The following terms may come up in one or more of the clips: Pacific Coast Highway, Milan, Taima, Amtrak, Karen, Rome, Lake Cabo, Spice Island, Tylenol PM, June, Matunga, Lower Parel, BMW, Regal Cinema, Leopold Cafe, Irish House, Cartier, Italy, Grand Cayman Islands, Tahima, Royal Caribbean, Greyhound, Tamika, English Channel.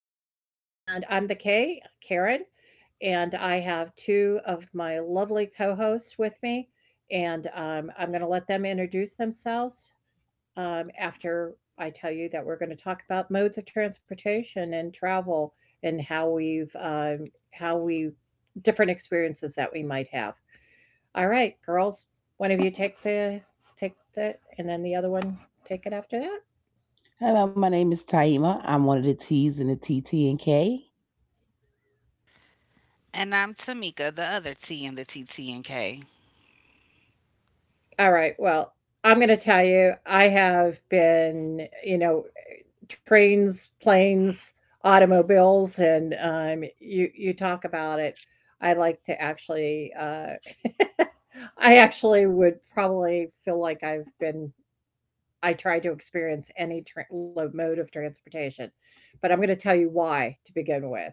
K, and I'm the K, Karen, and I have two of my lovely co-hosts with me, and I'm going to let them introduce themselves after I tell you that we're going to talk about modes of transportation and travel and how we different experiences that we might have. All right, girls, one of you take the, and then the other one take it after that. Hello, my name is Taima. I'm one of the T's in the T T and K. And I'm Tamika, the other T in the T T TTNK. All right. Well, I'm going to tell you, I have been, trains, planes, automobiles, and you talk about it. I like to actually, I actually would probably feel like I've been. I try to experience any mode of transportation, but I'm going to tell you why to begin with.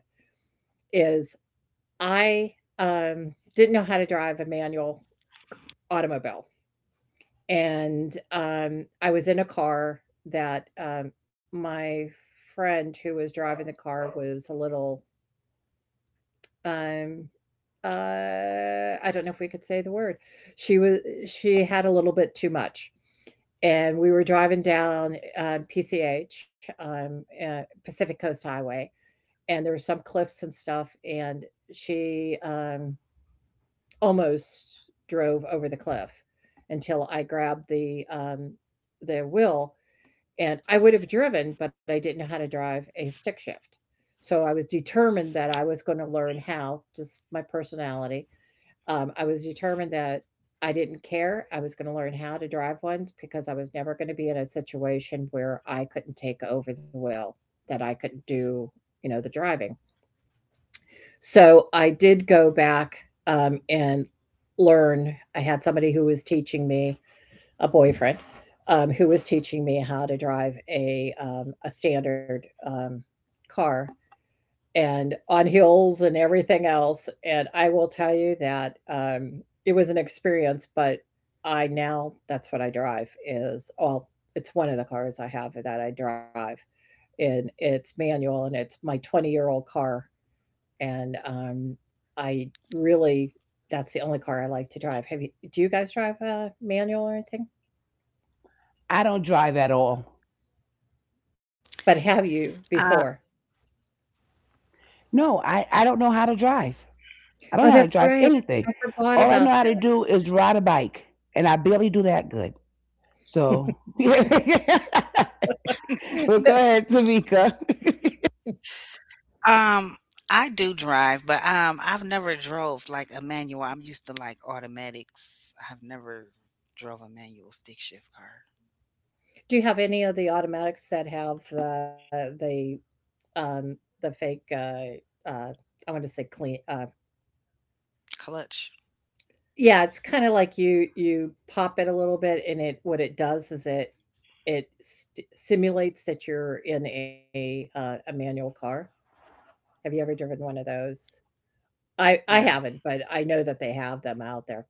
Is I didn't know how to drive a manual automobile. And, I was in a car that, my friend who was driving the car was a little, um, I don't know if we could say the word. She was she had a little bit too much, and we were driving down, PCH, Pacific Coast Highway, and there were some cliffs and stuff, and she, almost drove over the cliff until I grabbed the wheel. And I would have driven, but I didn't know how to drive a stick shift. So I was determined that I was going to learn how, just my personality. I was determined that I didn't care. I was going to learn how to drive ones because I was never going to be in a situation where I couldn't take over the wheel, that I couldn't do, you know, the driving. So I did go back and learn. I had somebody who was teaching me, a boyfriend, who was teaching me how to drive a standard car, and on hills and everything else. And I will tell you that it was an experience, but I now that's what I drive is all. It's one of the cars I have that I drive, and it's manual, and it's my 20-year-old car, and I really that's the only car I like to drive. Have you? Do you guys drive a manual or anything? I don't drive at all. But have you before? Uh, No, I don't know how to drive. I don't Oh, know how to that's drive right. anything. I forgot All I about know how to do is ride a bike, and I barely do that good. that. So, well, go ahead, Tamika. um, I do drive, but I've never drove like a manual. I'm used to like automatics. I've never drove a manual stick shift car. Do you have any of the automatics that have, um, the fake, uh, I want to say clean, Clutch? yeah, it's kinda like you pop it a little bit and it what it does is it it st simulates that you're in a manual car? Have you ever driven one of those? I haven't, No. but I know that they have them out there.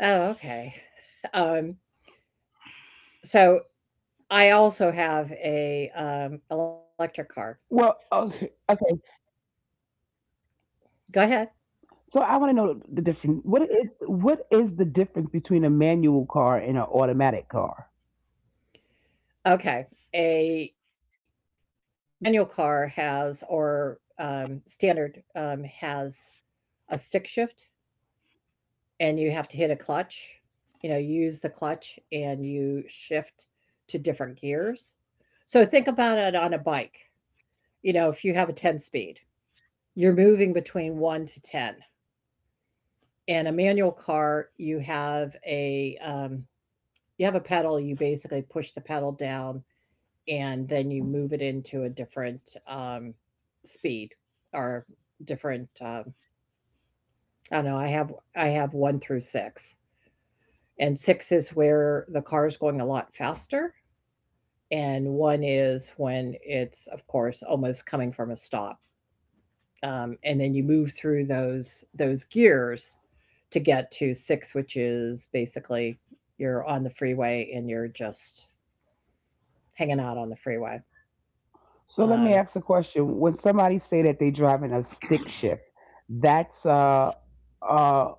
Oh, okay. Um, so I also have a Well, okay, electric okay. car. So I Go want to ahead. know the difference. What is the difference between a manual car and an automatic car? Okay, a manual car has, or standard, has a stick shift, and you have to hit a clutch. You know, use the clutch and you shift to different gears. So think about it on a bike. You know, if you have a ten speed, you're moving between 1 to 10. In a manual car, you have a pedal, you basically push the pedal down and then you move it into a different um, speed, or different, I don't know, I have 1 through 6. And 6 is where the car is going a lot faster, and 1 is when it's of course almost coming from a stop. And then you move through those gears to get to six, which is basically you're on the freeway and you're just hanging out on the freeway. So let me Um, ask a question. When somebody say that they driving a stick shift, that's a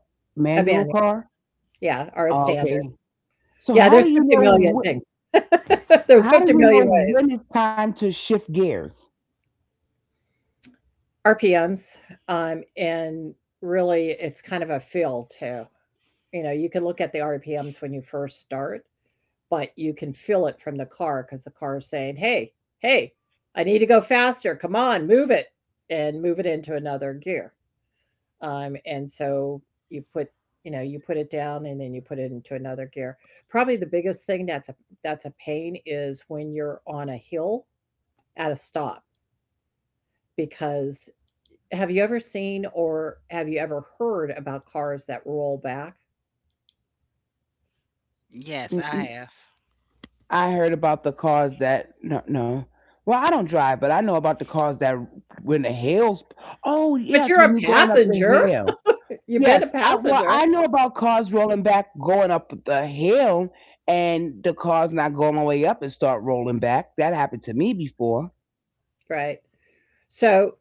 a manual banyan, car. yeah, are a standard. Okay. So Yeah, how there's do you 50 million know? things. There's How 50 do you million know ways. when it's time to shift gears? RPMs, and really it's kind of a feel too. You know, you can look at the RPMs when you first start, but you can feel it from the car because the car is saying, hey, hey, I need to go faster. Come on, move it and move it into another gear. And so you put you know you put it down and then you put it into another gear. Probably the biggest thing that's a, pain is when you're on a hill at a stop, because have you ever seen or have you ever heard about cars that roll back? N- n- Yes, I have. I heard about the cars that no, no. Well, I don't drive, but I know about the cars that when the hills. Oh But yes, you're when a you're going up the passenger. hill. You've been a Yes, I well I passenger, know about cars rolling back going up the hill and the car's not going all the way up and start rolling back. That happened to me before. right? so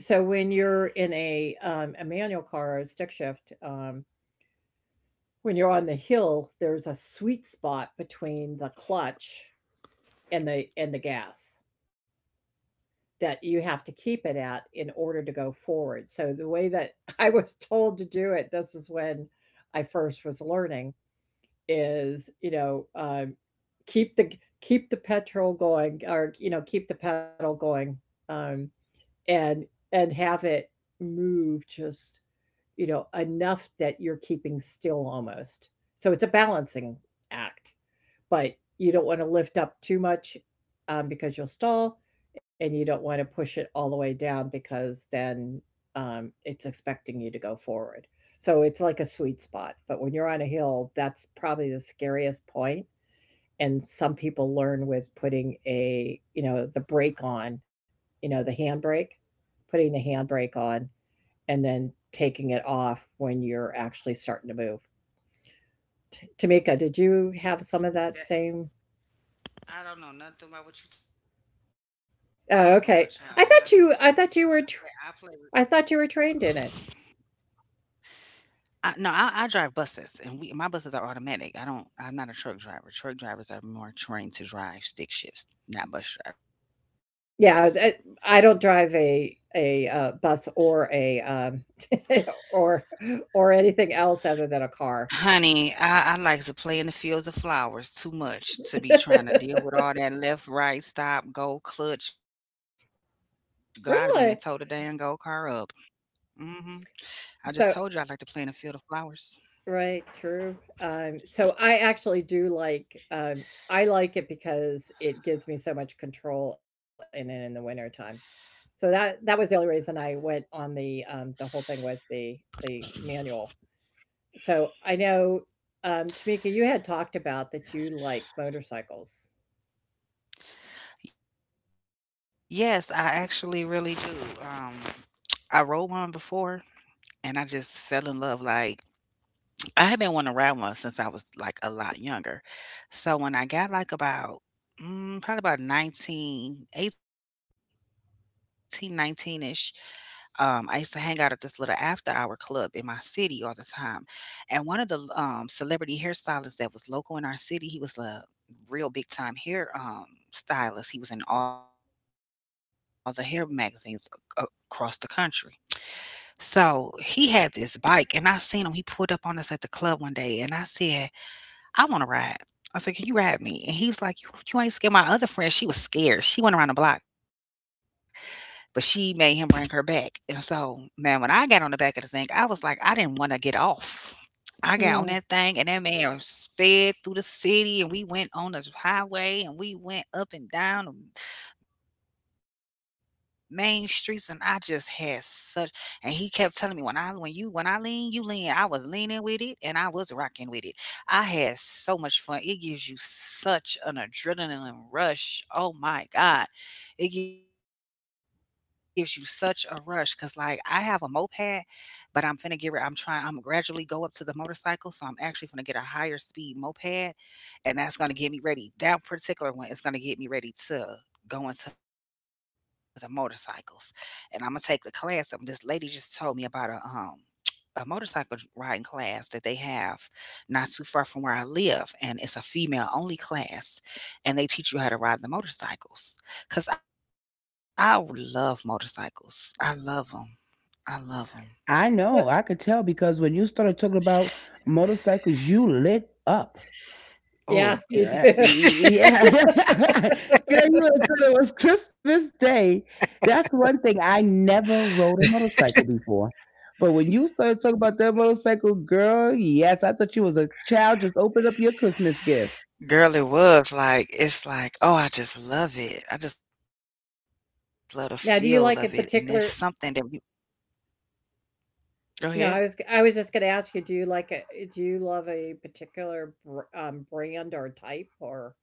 so when you're in a manual car or a stick shift, when you're on the hill there's a sweet spot between the clutch and the gas that you have to keep it at in order to go forward. So the way that I was told to do it, this is when I first was learning, is keep the keep the petrol going, or you know keep the pedal going, um, and have it move just you know enough that you're keeping still almost. So it's a balancing act, but you don't want to lift up too much because you'll stall, and you don't want to push it all the way down because then it's expecting you to go forward. So it's like a sweet spot. But when you're on a hill, that's probably the scariest point. And some people learn with putting a, you know, the brake on, you know, the handbrake, putting the handbrake on and then taking it off when you're actually starting to move. Tamika, did you have some of that See that same? I don't know nothing about what you talking about, child, Oh, and I do okay. too many flying. I thought I you play, were I play I thought you were trained in it. I No, I drive buses, and we my buses are automatic. I'm not a truck driver. Truck drivers are more trained to drive stick shifts, not bus drivers. Yeah, I don't drive a bus or a or or anything else other than a car. Honey, I like to play in the fields of flowers too much to be trying to deal with all that left, right, stop, go, clutch. God, I've been and towed the Really? damn go car up. Hmm. I just So told you I like to play in the field of flowers. right, true. So I actually do like, um, I like it because it gives me so much control in it in the wintertime. So that was the only reason I went on the whole thing with the manual. So I know, Tamika, you had talked about that you like motorcycles. Yes, I actually really do. I rode one before, and I just fell in love. Like I had been wanting to ride one since I was, like, a lot younger. So when I got, like, about, probably about 19, 18, 19 ish, I used to hang out at this little after-hour club in my city all the time, and one of the celebrity hairstylists that was local in our city, he was a real big-time hair stylist. He was in all the hair magazines, ac across the country. So, he had this bike, and I seen him, he pulled up on us at the club one day, and I said, I wanna ride. I said, "Can you ride me?" And he was like, "You ain't scared." My other friend, she was scared. She went around the block, but she made him bring her back. And so, man, when I got on the back of the thing, I was like, I didn't wanna get off. I got on Mm. that thing, and that man sped through the city, and we went on the highway, and we went up and down the main streets, and I just had such, and he kept telling me, when I lean, you lean. I was leaning with it, and I was rocking with it. I had so much fun. It gives you such an adrenaline rush. Oh my god. It gives you such a rush cuz like I have a moped, but I'm finna get rid. I'm trying. I'm gradually go up to the motorcycle, so I'm actually gonna get a higher speed moped, and that's gonna get me ready. That particular one is gonna get me ready to go into the motorcycles, and I'm gonna take the class. This lady just told me about a motorcycle riding class that they have not too far from where I live, and it's a female only class, and they teach you how to ride the motorcycles. Cause I love motorcycles. I love them. I love them. I But know, I could tell because when you started talking about motorcycles, you lit up. yeah, you Yeah, do. Oh. yeah. Girl, you would have thought it was Christmas Day. That's one thing. I never rode a motorcycle before. But when you started talking about that motorcycle, girl, yes, I thought you was a child. Just open up your Christmas gift. Girl, it's like, oh, I just love it. I just love the feel of Now, it, do you and like there's a something that particular? you— No, I was Go I was ahead. just going to ask you, do you like a do you love a particular brand or type or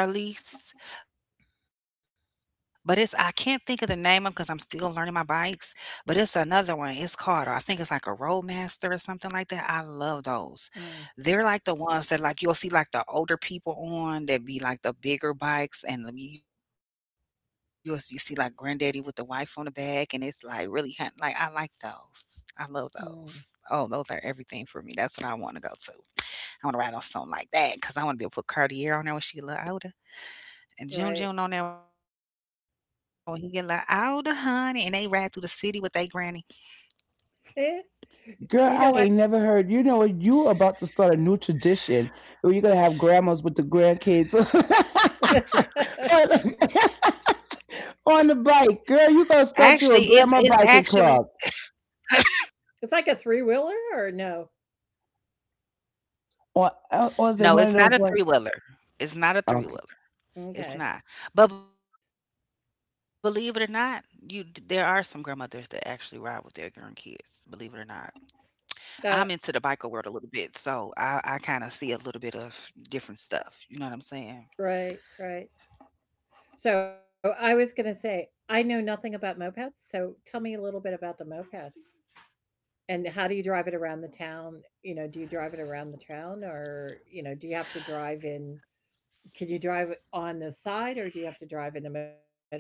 I like the Harleys, but it's I can't think of the name of, because 'cause I'm still learning my bikes, but it's another one. It's called, I think it's like a Roadmaster or something like that. I love those. Mm. They're like the ones that like you'll see, like the older people on that, be like the bigger bikes, and you see like granddaddy with the wife on the back, and it's like really like I like those. I love those. Mm. Oh, those are everything for me. That's what I want to go to. I want to ride on something like that because I want to be able to put Cartier on there when she a little older. Right? And June June on there when he get like, all the honey," and they ride through the city with they granny. Eh, Girl, you I know what? ain't never heard. You know what? You about to start a new tradition where you're gonna have grandmas with the grandkids. Or- on the bike, girl. You gonna Actually, start it's you a it's grandma biking actually club? It's like a three wheeler or no? Or is it one of those no, ones? it's not a three-wheeler. Okay. It's not a three-wheeler. Okay. It's not. But believe it or not, you there are some grandmothers that actually ride with their grandkids, believe it or not. I'm Uh, into the biker world a little bit, so I kind of see a little bit of different stuff. You know what I'm right, saying? right. So I was going to say, I know nothing about mopeds. So tell me a little bit about the moped and how do you drive it around the town? You know, do you drive it around the town, or, you know, do you have to drive in? Can you drive it on the side, or do you have to drive in the middle or what?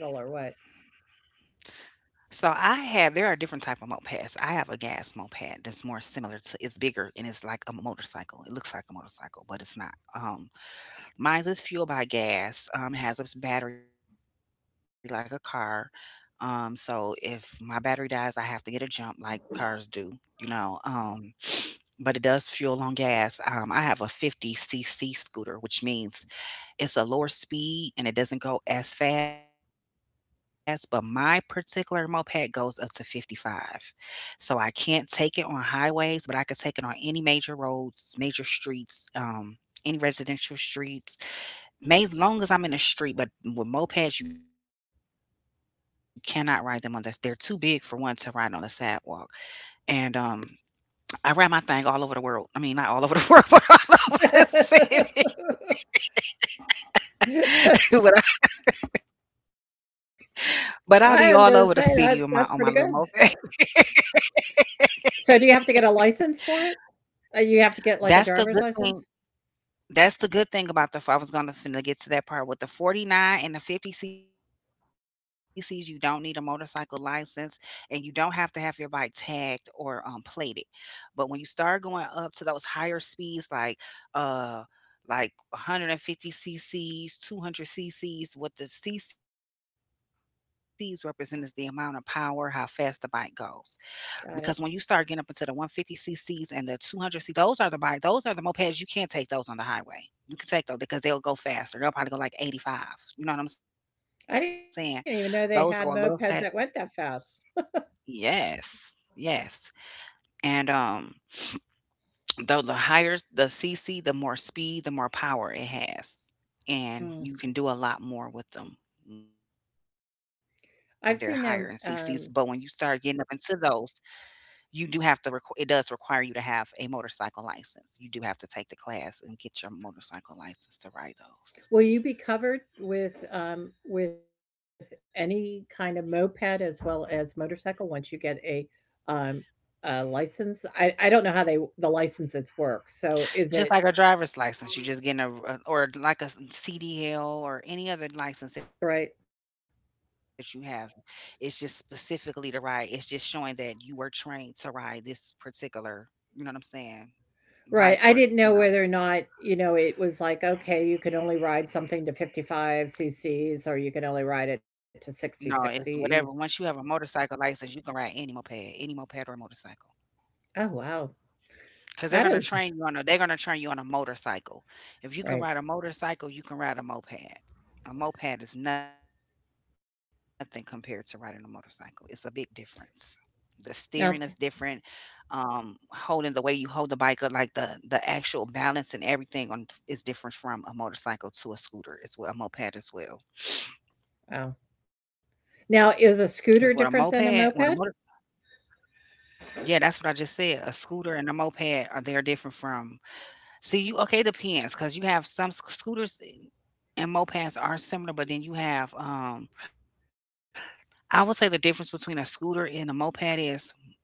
So I have there are different type of mopeds. I have a gas moped that's more similar to, it's bigger, and it's like a motorcycle. It looks like a motorcycle, but it's not. Um Mine is fueled by gas. It has a battery like a car. So if my battery dies, I have to get a jump like cars do, you know. But it does fuel on gas. I have a 50cc scooter, which means it's a lower speed and it doesn't go as fast, but my particular moped goes up to 55. So I can't take it on highways, but I could take it on any major roads, major streets, any residential streets, as long as I'm in the street, but with mopeds, you cannot ride them on this. They're too big for one to ride on the sidewalk. And I ride my thing all over the world. I mean, not all over the world, but all over the city. But But I'll I be was all going to over the say that city on my that's on pretty my little good. moped. So do you have to get a license for it? You have to get like a That's the driver's good license? thing that's the good thing about the f I was gonna finna get to that part. With the 49 and the 50 cc's, you don't need a motorcycle license, and you don't have to have your bike tagged, or, plated. But when you start going up to those higher speeds, like, uh, like 150 cc's, 200 cc's, what the cc's represent is the amount of power, how fast the bike goes. Because when you Got start it. getting up into the 150 cc's and the 200, c those are the mopeds, you can't take those on the highway. You can take those because they'll go faster, they'll probably go like 85, you know what I'm saying. I didn't even know they Those go had a little mopeds fast. that went that fast. Yes, yes. And though the higher the cc, the more speed, the more power it has, Mm. and you can do a lot more with them when they're I've higher in seen them. cc's. But when you start getting up into those, You do have to requ it does require you to have a motorcycle license. You do have to take the class and get your motorcycle license to ride Will those. you be covered with any kind of moped as well as motorcycle once you get um, a license? I don't know how they the licenses work. So is it Just like a driver's license, you're just getting or like a s CDL or any other right? license that you have. It's just specifically to ride. It's just showing that you were trained to ride this particular, you know what I'm saying, Right. I didn't bike know or, whether or you know not, you know, it was like, okay, you can only ride something to 55 cc's, or you can only ride it to No, it's 66 whatever. Once cc's. you have a motorcycle license, you can ride any moped or motorcycle. Oh, wow. That is 'Cause they're gonna train you on a motorcycle. right. If you can ride a motorcycle, you can ride a moped. A moped is nothing compared to riding a motorcycle. It's a big difference. The steering is Now, t- different. Holding The way you hold the bike up, like the actual balance and everything on, is different from a motorcycle to a scooter. It's what a moped as well. wow. Now, is Cause a with a scooter moped, different with than a a motor, moped? yeah, that's what I just said. A scooter and a moped are they're different from— See you, okay, it depends because you have some scooters. And mopeds are similar, but then I would say the difference between a scooter and the moped is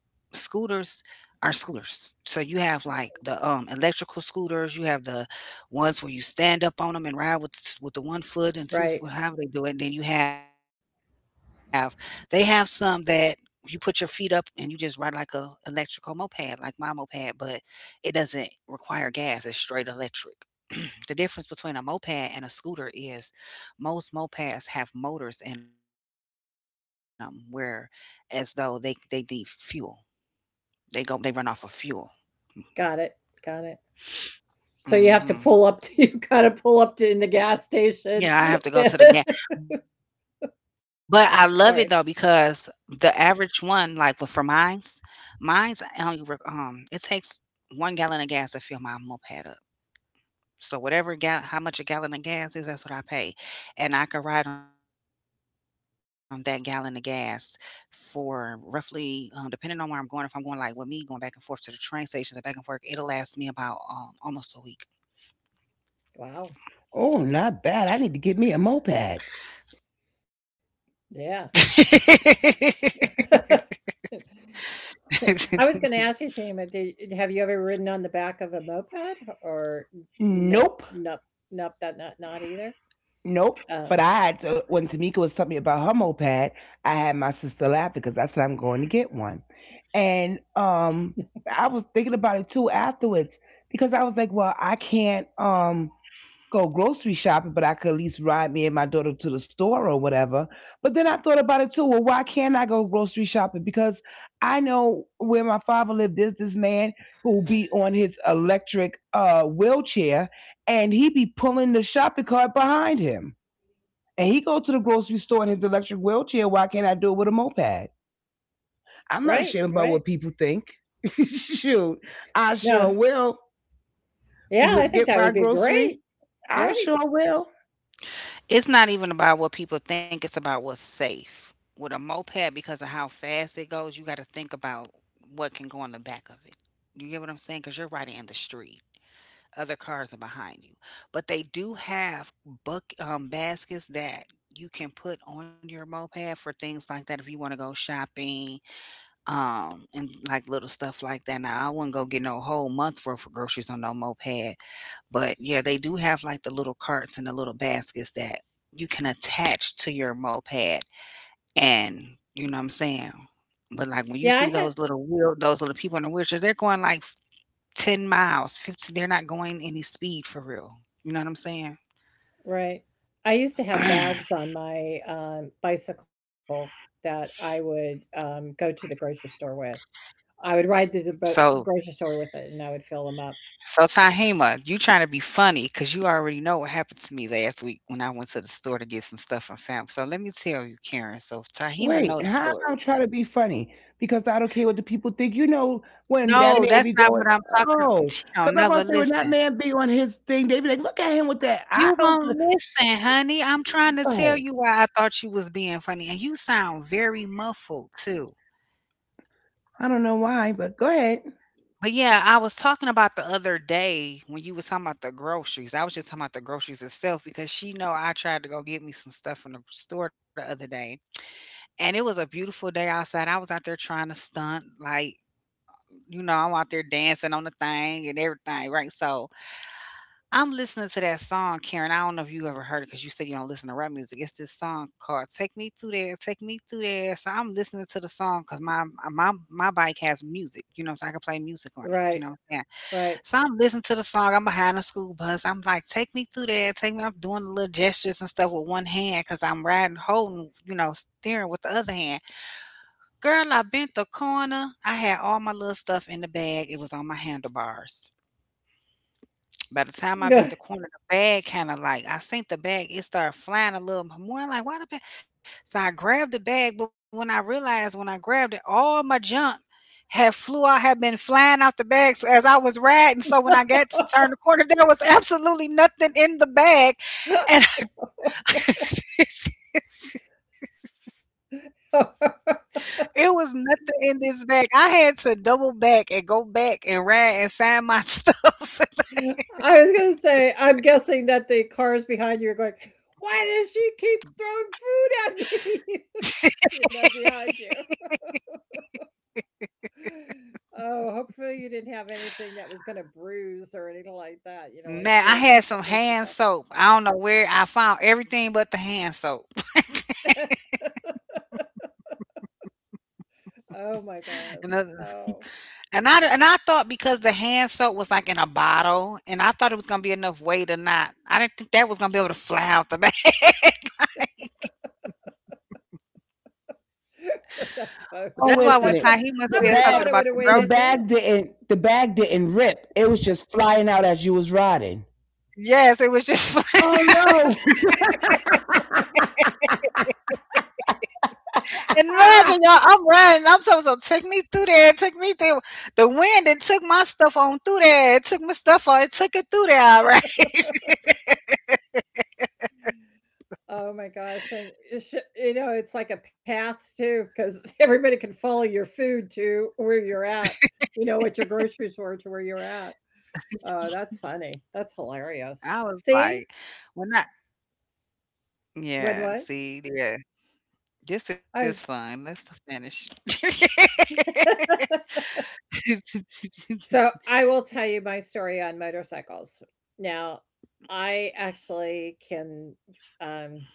scooters are scooters. So you have like the electrical scooters, you have the ones where you stand up on them and ride with the one Right. foot and two-foot, however they do it. And then you have they have some that you put your feet up and you just ride like a electrical moped, like my moped, but it doesn't require gas. It's straight electric. The difference between a moped and a scooter is most mopeds have motors in them where as though they need fuel, they run off of fuel. Got it. Got it. So you have to pull up to you gotta Mhm. pull up to in the gas station. Yeah, I have to go to the gas, but I Sorry. love it though, because the average one, like, but mines only work, it takes 1 gallon of gas to fill my moped up. So whatever gal how much a gallon of gas is, that's what I pay, and I could ride on that gallon of gas for roughly, depending on where I'm going, if I'm going, like, with me going back and forth to the train stations and back and forth, it'll last me about, almost a week. Wow. Oh, not bad. I need to get me a moped. Yeah. I was gonna ask you, Tama, do have you ever ridden on the back of a moped, or n Nope, nope, nope, that not not either? nope. But Um, I had to when Tamika was telling me about her moped, I had my sister laugh because I said I'm going to get one, and I was thinking about it too afterwards because I was like, well, I can't go grocery shopping, but I could at least ride me and my daughter to the store or whatever. But then I thought about it too. Well, why can't I go grocery shopping? Because I know where my father lived, there's this man who be on his electric wheelchair and he be pulling the shopping cart behind him. And he go to the grocery store in his electric wheelchair. Why can't I do it with a moped? I'm right, not ashamed right. about what people think. Shoot, I No. sure will Yeah, I think get that my would be great, grocery. I right? sure will. It's not even about what people think, it's about what's safe. With a moped, because of how fast it goes, you got to think about what can go on the back of it. You get what I'm saying? Because you're riding in the street, other cars are behind you. But they do have buck baskets that you can put on your moped for things like that if you want to go shopping and like little stuff like that. Now I wouldn't go get no whole month worth of groceries on no moped. But yeah, they do have like the little carts and the little baskets that you can attach to your moped and you know what I'm saying? But Yeah, like I when you had see those little wheel those little people in the wheelchair, they're going like 10 miles, 15, they're not going any speed for real. You know what I'm saying? right. I used to have bags on my, bicycle that I would, go to the grocery store with. I would ride to the So grocery store with it, and I would fill them up. so Tahima, you trying to be funny because you already know what happened to me last week when I went to the store to get some stuff from fam. So let me tell you, Karen. So Tahima know the Wait, how story. about try to be funny? Because I don't care what the people think. You know when that No, man that's be not going, what I'm talking about. oh, She don't because I'm never about to say when that listen. man be on his thing, they be like, look at him with that. I You don't. Won't listen, honey. I'm trying to Go ahead. tell you why I thought you was being funny, and you sound very muffled too. I don't know why, but go ahead. But yeah, I was talking about the other day when you was talking about the groceries. I was just talking about the groceries itself because she know I tried to go get me some stuff from the store the other day. And it was a beautiful day outside. I was out there trying to stunt, like, you know, I'm out there dancing on the thing and everything, right? So I'm listening to that song, Karen. I don't know if you ever heard it because you said you don't listen to rap music. It's this song called "Take Me Through There, Take Me Through There." So I'm listening to the song because my bike has music, you know, so I can play Right, music on it. You know what I'm saying? right. So I'm listening to the song. I'm behind a school bus. I'm like, "Take me through there, take me." I'm doing the little gestures and stuff with one hand because I'm riding, holding, you know, steering with the other hand. Girl, I bent the corner. I had all my little stuff in the bag. It was on my handlebars. By the time I I bent the corner, the bag kinda like I seen the bag, it started flying a little bit more, I'm like, "Why the bag?" So I grabbed the bag, but when I realized when I grabbed it, all my junk had been flying out the bag, so as I was riding, so when I got to turn the corner, there was absolutely nothing in the bag, and was it was nothing in this bag. I had to double back and go back and ride and find my stuff. gonna say, I'm guessing that the cars behind you are going, "Why does she keep throwing food at me?" You know, behind you. Oh, hopefully you didn't have anything that was gonna bruise or anything like that. You know, like Man, I fruit, had some fruits and hand stuff. soap. I don't know where I found everything but the hand soap. Oh my gosh. And the, Oh, and I thought because the hand soap was like in a bottle, and I thought it was gonna be enough weight or not. I didn't think that was gonna be able to fly out the back. that's so. But Oh that's wait why a one That's minute. a. I time he must The would said have bag, something thought it would about have the weighed the grocery. it bag down. didn't, the bag didn't rip. It was just flying out as you was riding. Yes, it was just flying. Oh And no. imagine y'all, I'm running. I'm talking so take me through there, take me through the wind and took my stuff on through there. It took my stuff on, it took it through there, all right. Oh my gosh, and it sh you know, it's like a path too, because everybody can follow your food to where you're at, you know, at your grocery store to where you're at. Oh, that's funny. That's hilarious. I was See? like, well not When what? yeah, see, yeah. This I is fun. Let's just finish. So, I will tell you my story on motorcycles. Now, I actually can, um,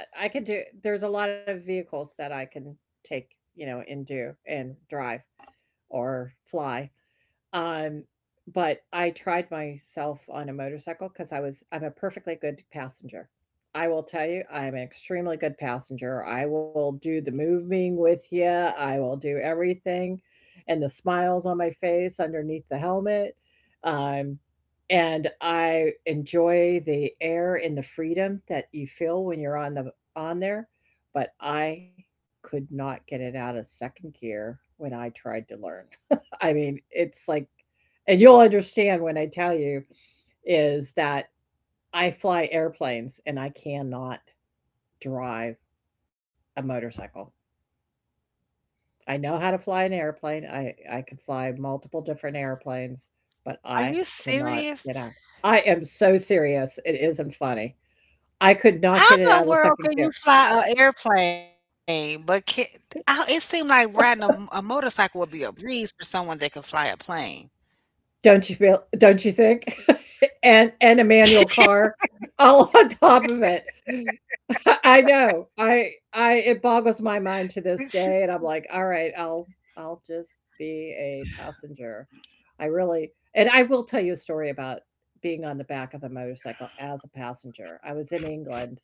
I can do there's a lot of vehicles that I can take, you know, and do and drive or fly. Um, but I tried myself on a motorcycle because I'm a perfectly good passenger. I will tell you, I'm an extremely good passenger. I will do the moving with you. I will do everything, and the smiles on my face underneath the helmet. Um, and I enjoy the air and the freedom that you feel when you're on there. But I could not get it out of second gear when I tried to learn. I mean, it's like and you'll understand when I tell you is that I fly airplanes and I cannot drive a motorcycle. I know how to fly an airplane. I can fly multiple different airplanes, Are but you I serious? cannot get out. I am so serious. It isn't funny. I How could not in the get it world out of the can you second gear. fly an airplane? It seemed like riding a, a motorcycle would be a breeze for someone that can fly a plane. Don't you feel? Don't you think? And a manual car all on top of it. I know. I it boggles my mind to this day, and I'm like, "All right, I'll just be a passenger." I really and I will tell you a story about being on the back of a motorcycle as a passenger. I was in England,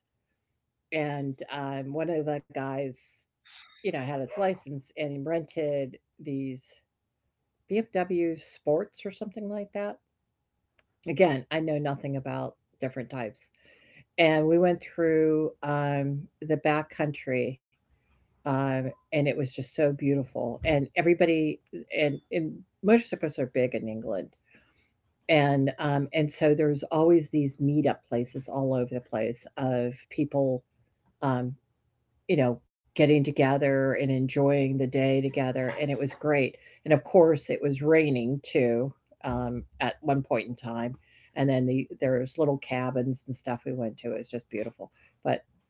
and, one of the guys, you know, had his license and rented these BMW Sports or something like that. Again, I know nothing about different types, and we went through the back country, um, and it was just so beautiful, and everybody and motorcycles are big in England. And so there's always these meetup places all over the place of people, um, you know, getting together and enjoying the day together. And it was great. And of course it was raining too, at one point in time. And then there's little cabins and stuff we went to. It was just beautiful. But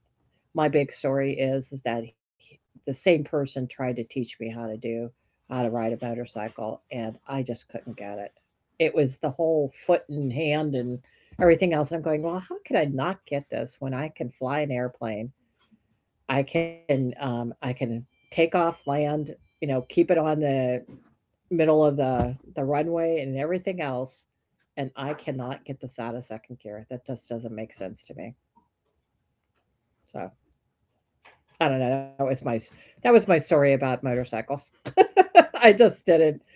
my big story is that he, the same person, tried to teach me how to do how to ride a motorcycle, and I just couldn't get it. It was the whole foot and hand and everything else, and I'm going, "Well, how could I not get this when I can fly an airplane? I can take off, land, you know, keep it on the middle of the runway and everything else, and I cannot get this out of second gear. That just doesn't make sense to me." So I don't know. That was my story about motorcycles. I just did it.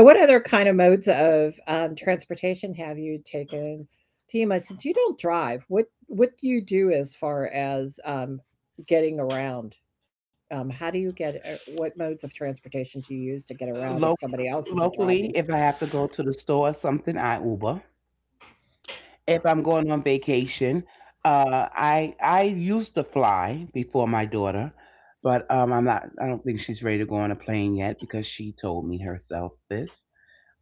So, what other kind of modes of transportation have you taken, Tima? Since you don't drive, what do you do as far as getting around? How do you get? What modes of transportation do you use to get around if Locally, somebody else isn't locally, if driving? I have to go to the store or something, I Uber. If I'm going on vacation. I used to fly before my daughter, but I'm not. I don't think she's ready to go on a plane yet because she told me herself this.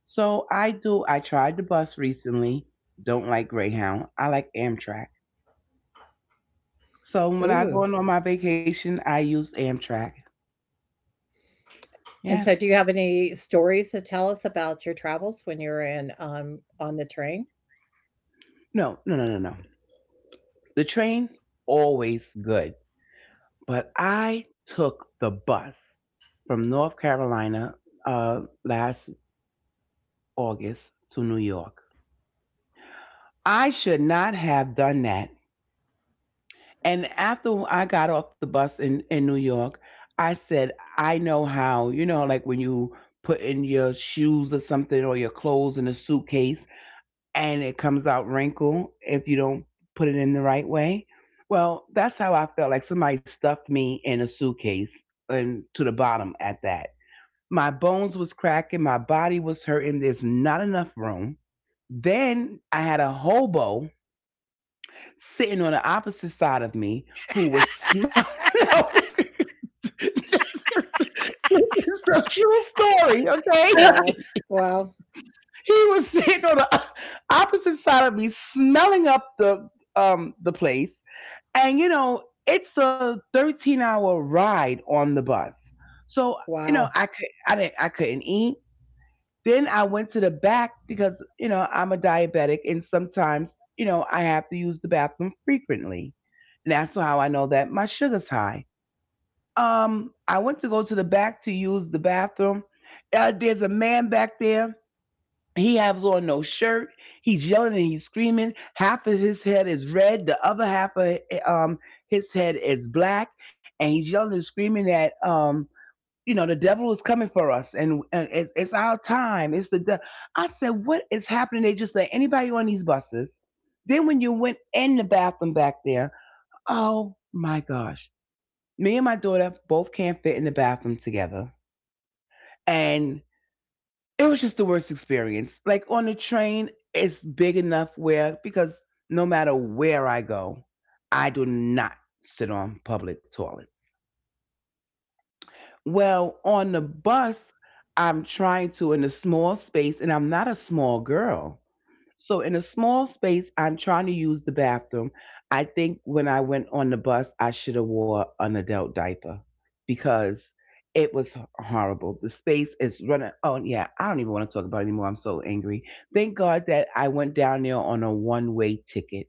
So I do. I tried the bus recently. Don't like Greyhound. I like Amtrak. So when I go on Ooh. my vacation, I use Amtrak. And so, Yes. do you have any stories to tell us about your travels when you're in on the train? No. No. No. No. No. The train always good, but I took the bus from North Carolina last August to New York. I should not have done that. And after I got off the bus in New York, I said, I know how, you know, like when you put in your shoes or something or your clothes in a suitcase and it comes out wrinkled if you don't put it in the right way. Well, that's how I felt, like somebody stuffed me in a suitcase and to the bottom at that. My bones was cracking, my body was hurting, there's not enough room. Then I had a hobo sitting on the opposite side of me who was smelling. It's a true story, okay? Well, wow! He was sitting on the opposite side of me, smelling up the place, and you know it's a 13-hour ride on the bus, so you know I Wow! could I didn't I couldn't eat. Then I went to the back because, you know, I'm a diabetic and sometimes, you know, I have to use the bathroom frequently. And that's how I know that my sugar's high. I went to go to the back to use the bathroom. There's a man back there. He has on no shirt. He's yelling and he's screaming. Half of his head is red. The other half of um, his head is black. And he's yelling and screaming at you know the devil is coming for us, and it's our time. I said, what is happening? They just let anybody on these buses. Then when you went in the bathroom back there, oh my gosh, me and my daughter both can't fit in the bathroom together. And it was just the worst experience, like on the train it's big enough where, because no matter where I go, I do not sit on public toilets. Well, on the bus, I'm trying to in a small space, and I'm not a small girl. So, in a small space, I'm trying to use the bathroom. I think when I went on the bus, I should have wore an adult diaper because it was horrible. The space is running. Oh, yeah. I don't even want to talk about it anymore. I'm so angry. Thank God that I went down there on a one way ticket.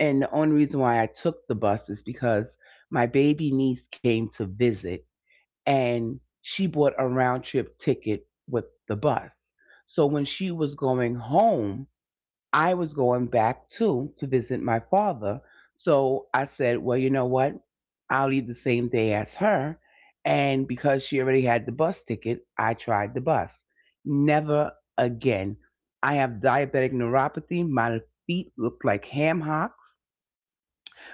And the only reason why I took the bus is because my baby niece came to visit and she bought a round trip ticket with the bus. So when she was going home, I was going back too to visit my father. So I said, well, you know what? I'll leave the same day as her. And because she already had the bus ticket, I tried the bus. Never again. I have diabetic neuropathy. My feet look like ham hocks.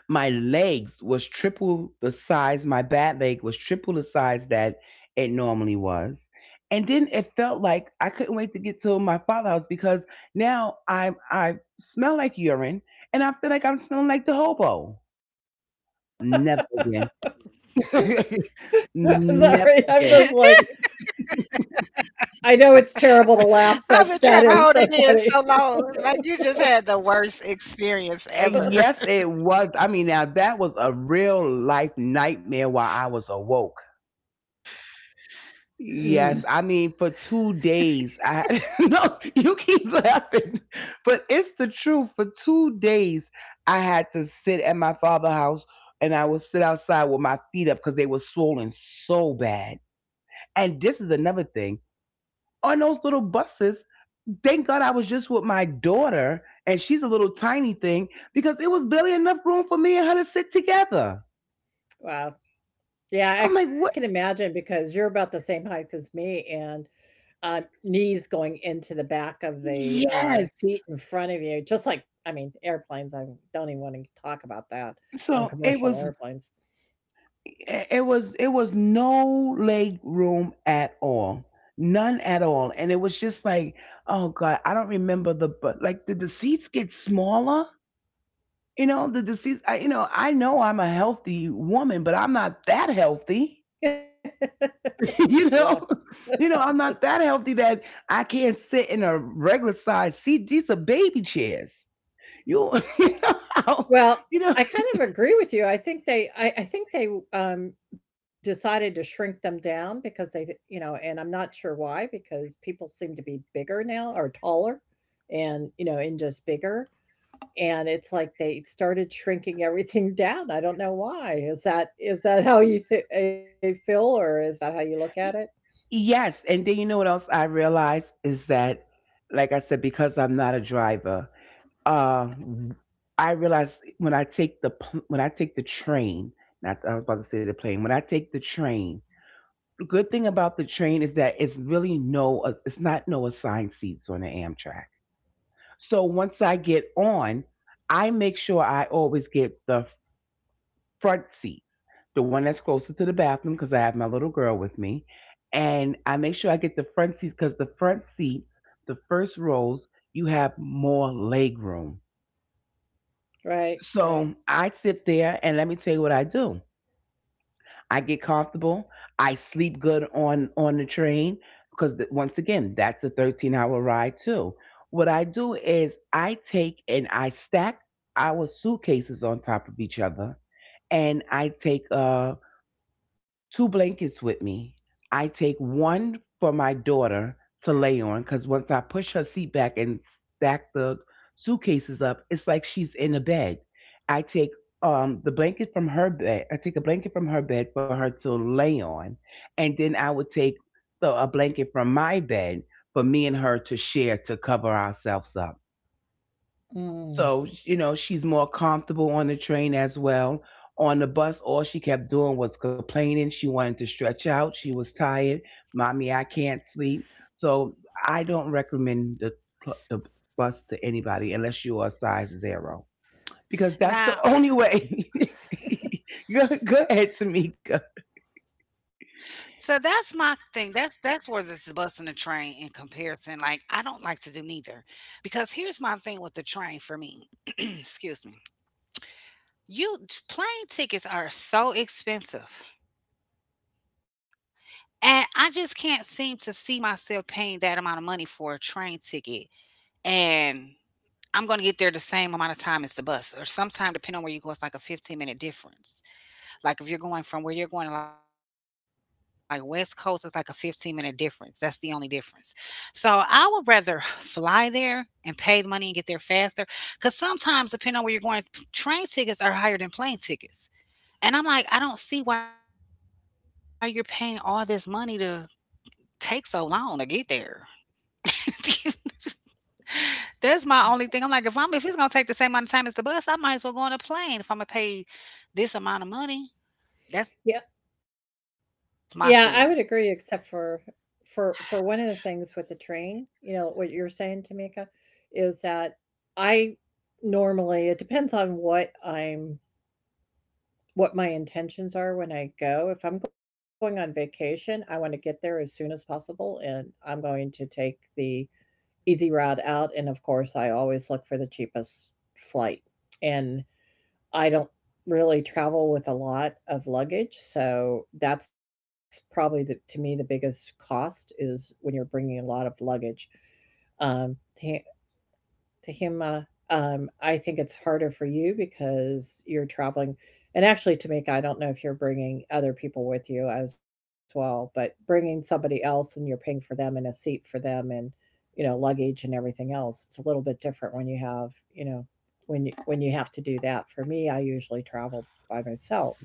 My legs was triple the size. My bad leg was triple the size that it normally was. And then it felt like I couldn't wait to get to my father's house because now I smell like urine, and I feel like I'm smelling like the hobo. Never again. I've Never Sorry, I'm again. just like, I been know trying to it's hold terrible it to in laugh, so but that is long. so Like you funny. just had the worst experience ever. And yes, it was. I mean, now that was a real life nightmare while I was awoke. Mm, Yes, I mean for 2 days. I no, you keep laughing, but it's the truth. For 2 days, I had to sit at my father's house, and I would sit outside with my feet up because they were swollen so bad. And this is another thing on those little buses. Thank God I was just with my daughter, and she's a little tiny thing because it was barely enough room for me and her to sit together. wow. Yeah, I I'm can like, what? imagine because you're about the same height as me, and knees going into the back of the Yes. seat in front of you, just like, I mean, airplanes. I don't even want to talk about that on So it commercial was. airplanes. It was no leg room at all, none at all. And it was just like, oh god, I don't remember the but like did the seats get smaller, you know? Did the seats I, you know I know I'm a healthy woman, but I'm not that healthy. Yeah. you know You know Just I'm not that healthy that I can't sit in a regular size seat. These are baby chairs. You, you know how- Well, you know, I kind of agree with you. I think they, decided to shrink them down because you know, and I'm not sure why because people seem to be bigger now or taller and, you know, and just bigger, and it's like they started shrinking everything down. I don't know why. Is that how you th feel, or is that how you look at it? yes, and then you know what else I realized is that, like I said, because I'm not a driver, uh, I realize when I take when I take the train, not I was about to say the plane. When I take the train, the good thing about the train is that it's not no assigned seats on the Amtrak. So once I get on, I make sure I always get the front seats, the one that's closer to the bathroom because I have my little girl with me. And I make sure I get the front seats because the front seats, the first rows, you have more leg room. Right, So right. I sit there and let me tell you what I do. I get comfortable. I sleep good on the train because once again, that's a 13-hour ride too. What I do is I take and I stack our suitcases on top of each other and I take a two blankets with me. I take one for my daughter to lay on because once I push her seat back and stack the suitcases up, it's like she's in a bed. I take the blanket from her bed. I take a blanket from her bed for her to lay on, and then I would take a blanket from my bed for me and her to share to cover ourselves up so, Mm. you know, she's more comfortable on the train as well. On the bus, all she kept doing was complaining. She wanted to stretch out. She was tired. Mommy, I can't sleep. So I don't recommend the bus to anybody unless you are size zero, because that's the Now only way. Go ahead, Tamika. So that's my thing. That's where this is busting the train in comparison. Like I don't like to do neither, because here's my thing with the train for me. Excuse me. You Plane tickets are so expensive, and I just can't seem to see myself paying that amount of money for a train ticket. And I'm gonna get there the same amount of time as the bus, or sometime depending on where you go, it's like a 15-minute difference. Like if you're going from where you're going to like West Coast, it's like a 15-minute difference. That's the only difference. So I would rather fly there and pay the money and get there faster. Cause sometimes depending on where you're going, train tickets are higher than plane tickets. And I'm like, I don't see why you're paying all this money to take so long to get there. That's my only thing. I'm like, if it's gonna take the same amount of time as the bus, I might as well go on a plane if I'm gonna pay this amount of money. That's my thing. Yeah. Yeah, I would agree except for one of the things with the train, you know, what you're saying, Tamika, is that I normally it depends on what my intentions are when I go. If I'm going on vacation, I want to get there as soon as possible, and I'm going to take the easy route out, and of course I always look for the cheapest flight. And I don't really travel with a lot of luggage, so that's probably the to me the biggest cost is when you're bringing a lot of luggage. Um, ta Tahima, I think it's harder for you because you're traveling. And actually, Tamika, I don't know if you're bringing other people with you as well, but bringing somebody else and you're paying for them and a seat for them and, you know, luggage and everything else, it's a little bit different when you have, you know, when you have to do that. For me, I usually travel by myself.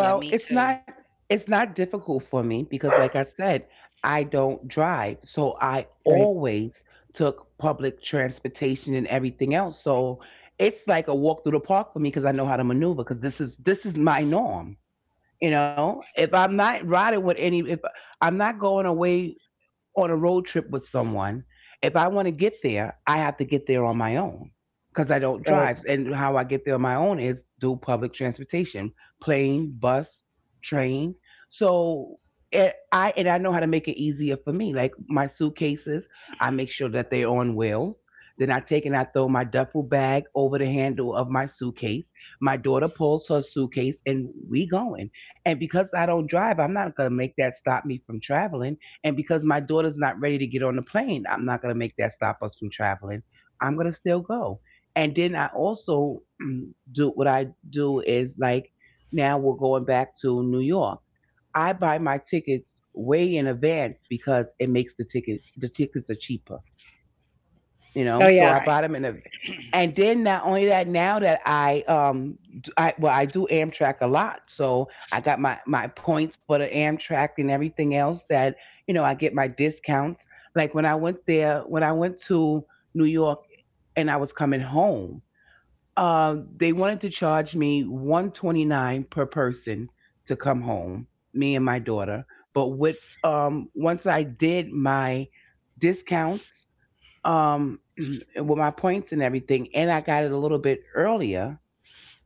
Yeah, me too. It's not difficult for me because like I said, I don't drive. So I Right. always took public transportation and everything else. So it's like a walk through the park for me because I know how to maneuver because this is my norm. You know, if I'm not riding with any if I'm not going away on a road trip with someone, if I want to get there, I have to get there on my own because I don't Right. drive. And how I get there on my own is through public transportation, plane, bus, train. So it, I and I know how to make it easier for me. Like my suitcases, I make sure that they're on wheels. Then I take and I throw my duffel bag over the handle of my suitcase. My daughter pulls her suitcase and we going. And because I don't drive, I'm not gonna make that stop me from traveling, and because my daughter's not ready to get on the plane, I'm not going to make that stop us from traveling. I'm going to still go. And then I also do what I do is like now we're going back to New York. I buy my tickets way in advance because it makes the tickets are cheaper, you Oh, know, yeah. so I Right. bought them in a. And then not only that, now that I do Amtrak a lot, so I got my points for the Amtrak and everything else, that you know, I get my discounts. Like when I went to New York and I was coming home, they wanted to charge me 129 per person to come home, me and my daughter. But with once I did my discounts, um with my points and everything, and I got it a little bit earlier,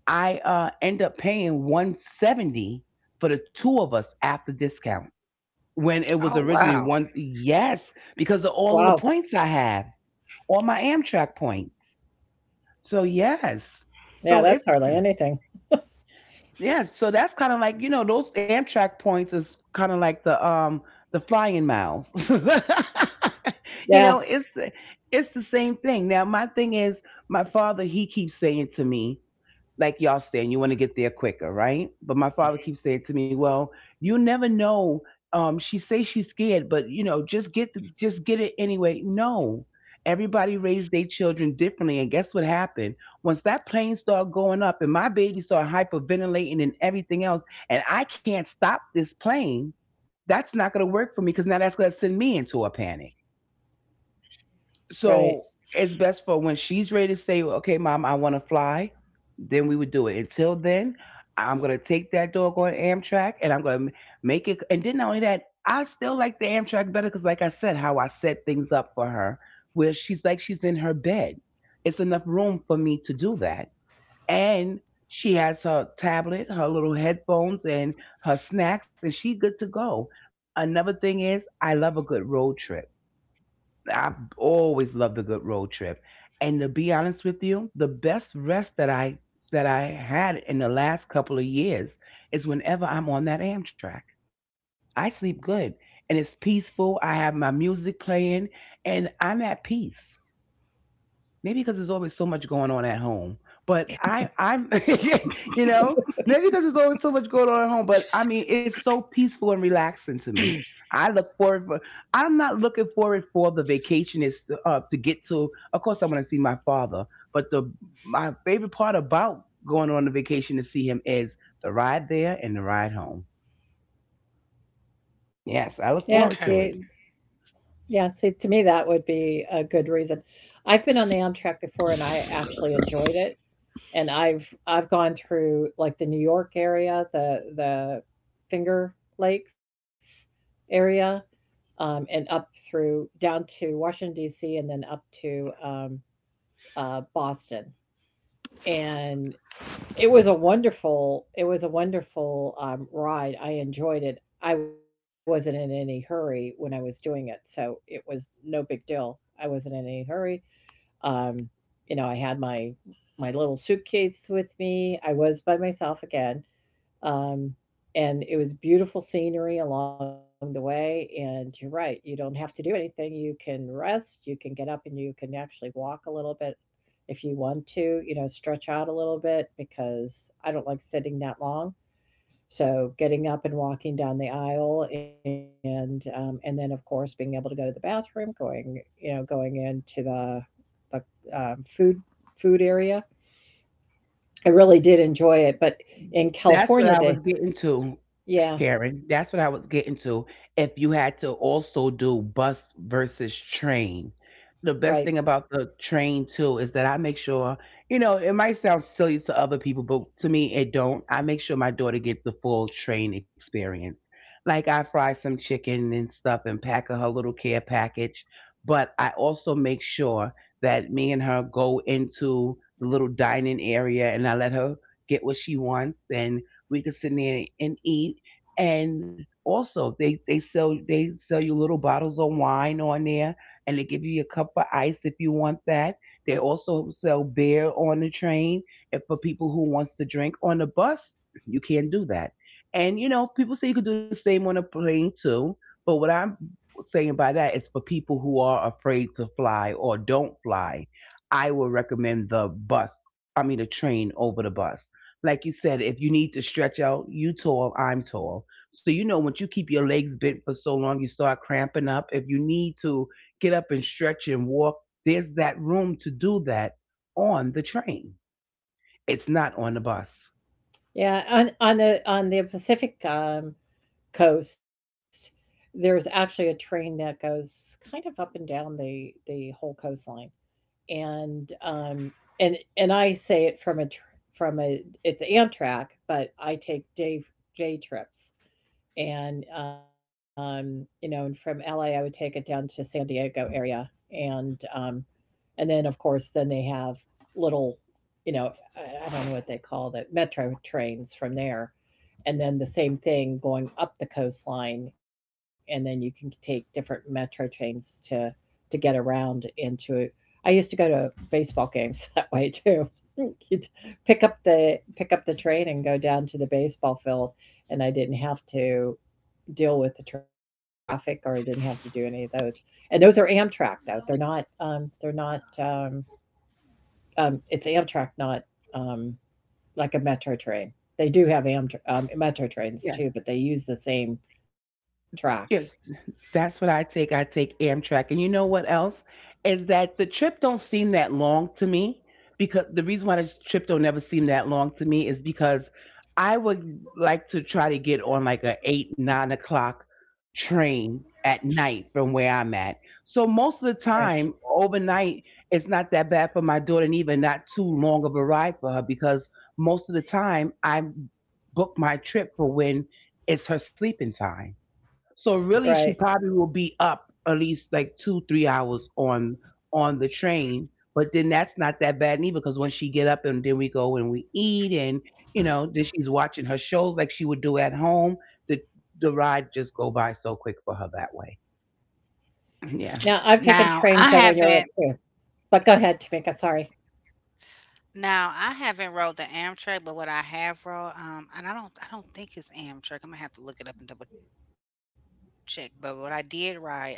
I end up paying 170 for the two of us after discount, when it Oh, was originally wow. one. Yes, because of Wow. all the points I have, all my Amtrak points. So yes, Yeah. so That's it's. hardly anything. Yeah, so that's kind of like, you know, those Amtrak points is kind of like the flying miles. Yeah. You know, it's the same thing. Now my thing is, my father, he keeps saying to me, like y'all saying, you want to get there quicker, right? But my father keeps Mm. saying to me, "Well, you never know. She say she's scared, but you know, just get it anyway." No, everybody raised their children differently, and guess what happened? Once that plane started going up, and my baby started hyperventilating and everything else, and I can't stop this plane. That's not going to work for me because now that's going to send me into a panic. Right. So it's best for when she's ready to say, okay, mom, I want to fly, then we would do it. Until then, I'm going to take that dog on Amtrak and I'm going to make it. And then not only that, I still like the Amtrak better because, like I said, how I set things up for her, where she's in her bed. It's enough room for me to do that. And she has her tablet, her little headphones, and her snacks, and she's good to go. Another thing is, I love a good road trip. I always loved a good road trip. And to be honest with you, the best rest that I had in the last couple of years is whenever I'm on that Amtrak. I sleep good and it's peaceful. I have my music playing and I'm at peace maybe because there's always so much going on at home. But I, I'm, you know, maybe because there's always so much going on at home. But I mean, it's so peaceful and relaxing to me. I look forward. For, I'm not looking forward for the vacation is to get to. Of course, I want to see my father. But the my favorite part about going on the vacation to see him is the ride there and the ride home. Okay. Yeah. Yes, I look See, forward to it. yeah, see, to me, that would be a good reason. I've been on the Amtrak before, and I actually enjoyed it. And I've gone through like the New York area, the Finger Lakes area, and up through down to Washington D.C. and then up to Boston. And it was a wonderful, ride. I enjoyed it. I wasn't in any hurry when I was doing it, so it was no big deal. I wasn't in any hurry, um, you know, I had my little suitcase with me, I was by myself again, um, and it was beautiful scenery along the way, and you're right, you don't have to do anything, you can rest, you can get up, and you can actually walk a little bit if you want to, you know, stretch out a little bit because I don't like sitting that long. So getting up and walking down the aisle, and then of course being able to go to the bathroom, going, you know, going into the food area. I really did enjoy it, but in That's California, what I they was getting to, yeah Karen. That's what I was getting to. If you had to also do bus versus train, the right best thing about the train too is that I make sure, you know, it might sound silly to other people, but to me it don't. I make sure my daughter gets the full train experience. Like I fry some chicken and stuff and pack her little care package, but I also make sure that me and her go into the little dining area and I let her get what she wants, and we can sit there and eat. And also, they sell you little bottles of wine on there, and they give you a cup of ice if you want that. They also sell beer on the train, and for people who wants to drink on the bus, you can not do that. And you know, people say you can do the same on a plane too. But what I'm saying by that is for people who are afraid to fly or don't fly, I will recommend the bus. I mean, the train over the bus. Like you said, if you need to stretch out, you tall, I'm tall. So you know once you keep your legs bent for so long, you start cramping up. If you need to get up and stretch and walk, there's that room to do that on the train. It's not on the bus. yeah on the Pacific, coast, there's actually a train that goes kind of up and down the whole coastline, and and I say it from a tr- from a it's Amtrak, but I take day trips. And you know, and from LA I would take it down to San Diego area, and um and then, of course, then they have little, you know, I, I don't know what they call it, metro trains from there. And then the same thing going up the coastline, and then you can take different metro trains to get around into it. I used to go to baseball games that way too. You'd pick up the train and go down to the baseball field, and I didn't have to deal with the traffic, or I didn't have to do any of those. And those are Amtrak though. They're not, it's Amtrak, not um like a metro train. They do have Amtrak, metro trains Yeah. too, but they use the same tracks. Yes. That's what I take. I take Amtrak. And you know what else? Is that the trip don't seem that long to me because the reason why the trip don't never seem that long to me is because I would like to try to get on like a 8, 9 o'clock train at night from where I'm at. So most of Right. the time overnight it's not that bad for my daughter and even not too long of a ride for her because most of the time I book my trip for when it's her sleeping time. So Right. really, she probably will be up at least like 2, 3 hours on the train. But then that's not that bad neither, because when she get up and then we go and we eat and you know then she's watching her shows like she would do at home. The ride just go by so quick for her that way. Now I've Now Yeah, taken I trains haven't. over in Europe too. But go ahead, Tamika, sorry. Now I haven't rode the Amtrak, but what I have rode, and I don't think it's Amtrak. I'm gonna have to look it up and double check. But what I did ride, I rode a train,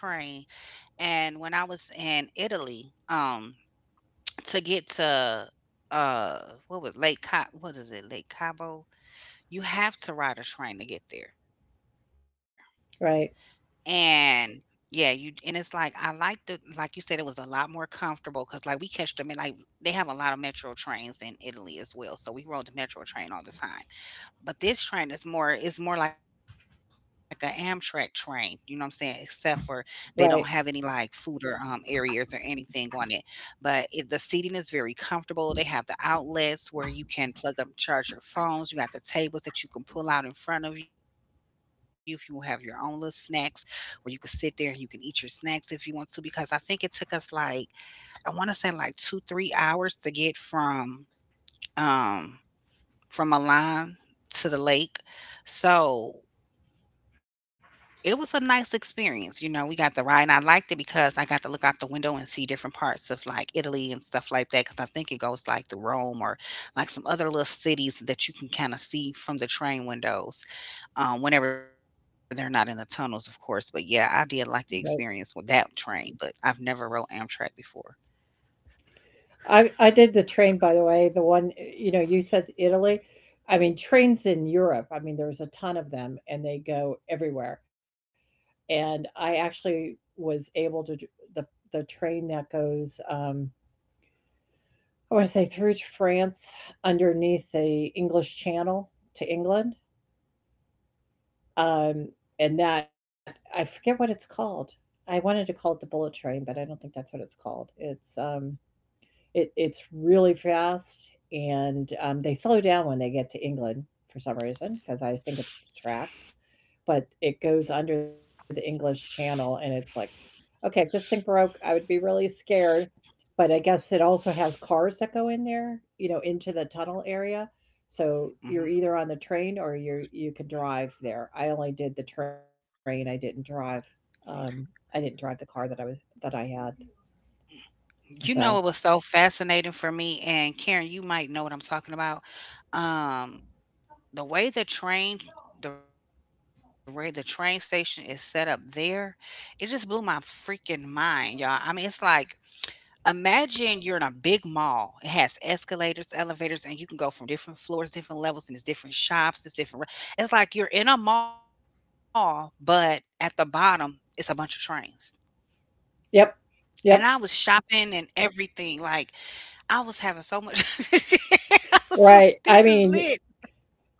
and when I was in Italy, um, to get to, what was Lake Cabo? What is it, Lake Cabo? You have to ride a train to get there. Right. And yeah, you and it's like I like the like you said it was a lot more comfortable because like we catch the in like they have a lot of metro trains in Italy as well, so we rode the metro train all the time but this train is more it's more like an Amtrak train, you know what I'm saying? Except for they don't have Right. any like food or areas or anything on it. But it, the seating is very comfortable. They have the outlets where you can plug up and charge your phones. You got the tables that you can pull out in front of you if you have your own little snacks where you can sit there and you can eat your snacks if you want to because I think it took us like I want to say like 2 3 hours to get um from Milan to the lake. So it was a nice experience. You know, we got to ride and I liked it because I got to look out the window and see different parts of like Italy and stuff like that. Cause I think it goes like through Rome or like some other little cities that you can kind of see from the train windows whenever they're not in the tunnels, of course. But yeah, I did like the Right. experience with that train, but I've never rode Amtrak before. I did the train, by the way, the one you know, you said Italy. I mean, trains in Europe, I mean, there's a ton of them and they go everywhere. And I actually was able to d- the the train that goes, I want to say through to France underneath the English Channel to England, um, and that I forget what it's called. I wanted to call it the bullet train, but I don't think that's what it's called. It's it it's really fast, and they slow down when they get to England for some reason because I think it's the tracks. But it goes under the English Channel, and it's like, okay, if this thing broke, I would be really scared. But I guess it also has cars that go in there, you know, into the tunnel area. So Mhm. you're either on the train or you can drive there. I only did the train. I didn't drive. Um, I didn't drive the car that I had. You So know it was so fascinating for me, and Karen, you might know what I'm talking about. Um, the way the train, the way the train station is set up there, it just blew my freaking mind, y'all. I mean, it's like imagine you're in a big mall. It has escalators, elevators, and you can go from different floors, different levels, and there's different shops, there's different re it's like you're in a mall, but at the bottom, it's a bunch of trains. yep, And I was yep, shopping and everything, like, I was having so much I was like, "This is right. lit." I mean,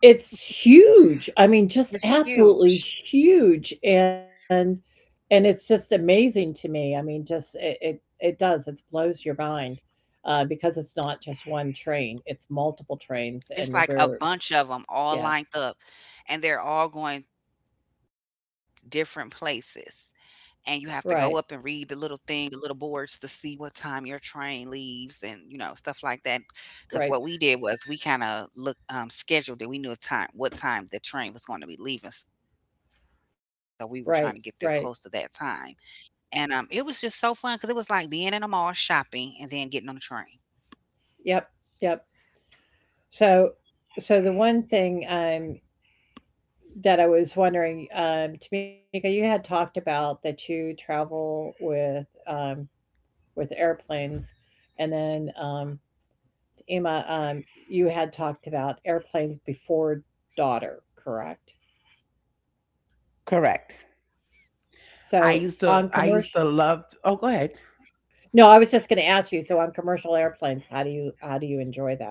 it's huge. I mean, just It's absolutely huge. huge, and it's just amazing to me. I mean, just it does. It blows your mind, because it's not just one train; it's multiple trains, It's and like a we're bunch of them all yeah, lined up, and they're all going different places. And you have to go up and read the right, little thing, the little boards to see what time your train leaves and, you know, stuff like that. Because what right, we did was we kinda look scheduled it. We knew a time what time the train was gonna be leaving, so we were trying to get there close to right, that time, right. and, it was just so fun because it was like being in a mall shopping and then getting on the train, Yep, yep. So, so, the one thing that I was wondering, Tamika, you had talked about that you travel um with airplanes, and then Emma, you had talked about airplanes before daughter, correct? correct. So on commercial, I used to love. Oh, go ahead. no, I was just going to ask you. So on commercial airplanes, how do you enjoy that?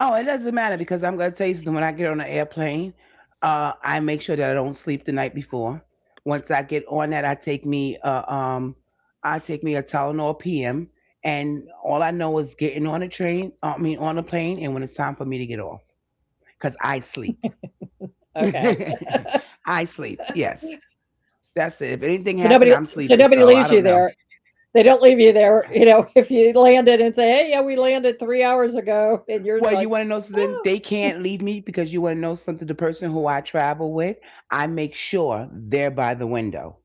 Oh, it doesn't matter because I'm going to tell you something. When I get on an airplane, I make sure that I don't sleep the night before. Once I get on that, I take me a Tylenol PM, and all I know is getting on a train. I mean, on a plane, and when it's time for me to get off, because I sleep. Okay. I sleep. Yes, that's so it. If nobody anything so happened, I'm nobody sleeping, leaves you so I don't there. know. They don't leave you there, you know, if you landed and say, "Hey, yeah, we landed 3 hours ago," and you're Well, you like, want to know something? "Oh, They can't leave me because you want to know something. The person who I travel with, I make sure they're by the window.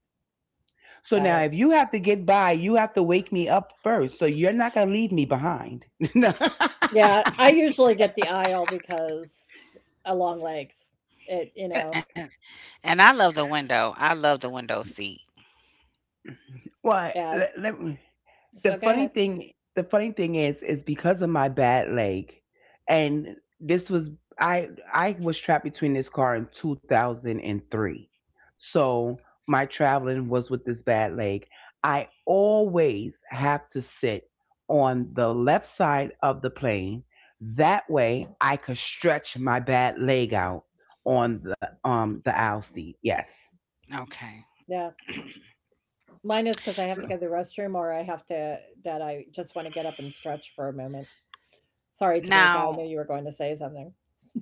got So it." now, if you have to get by, you have to wake me up first. So you're not gonna leave me behind. Yeah, I usually get the aisle because a long legs. It you know, and and I love the window. I love the window seat. what? yeah, Let, let me- The so go funny ahead. thing the funny thing is because of my bad leg, and this was, I was trapped between this car in 2003. So my traveling was with this bad leg. I always have to sit on the left side of the plane, that way I could stretch my bad leg out on the aisle seat. Yes. Yeah. Okay. Mine is because I have to go to So, the restroom or I have to that I just wanna get up and stretch for a moment. Sorry, Tamika, I knew now you were going to say something.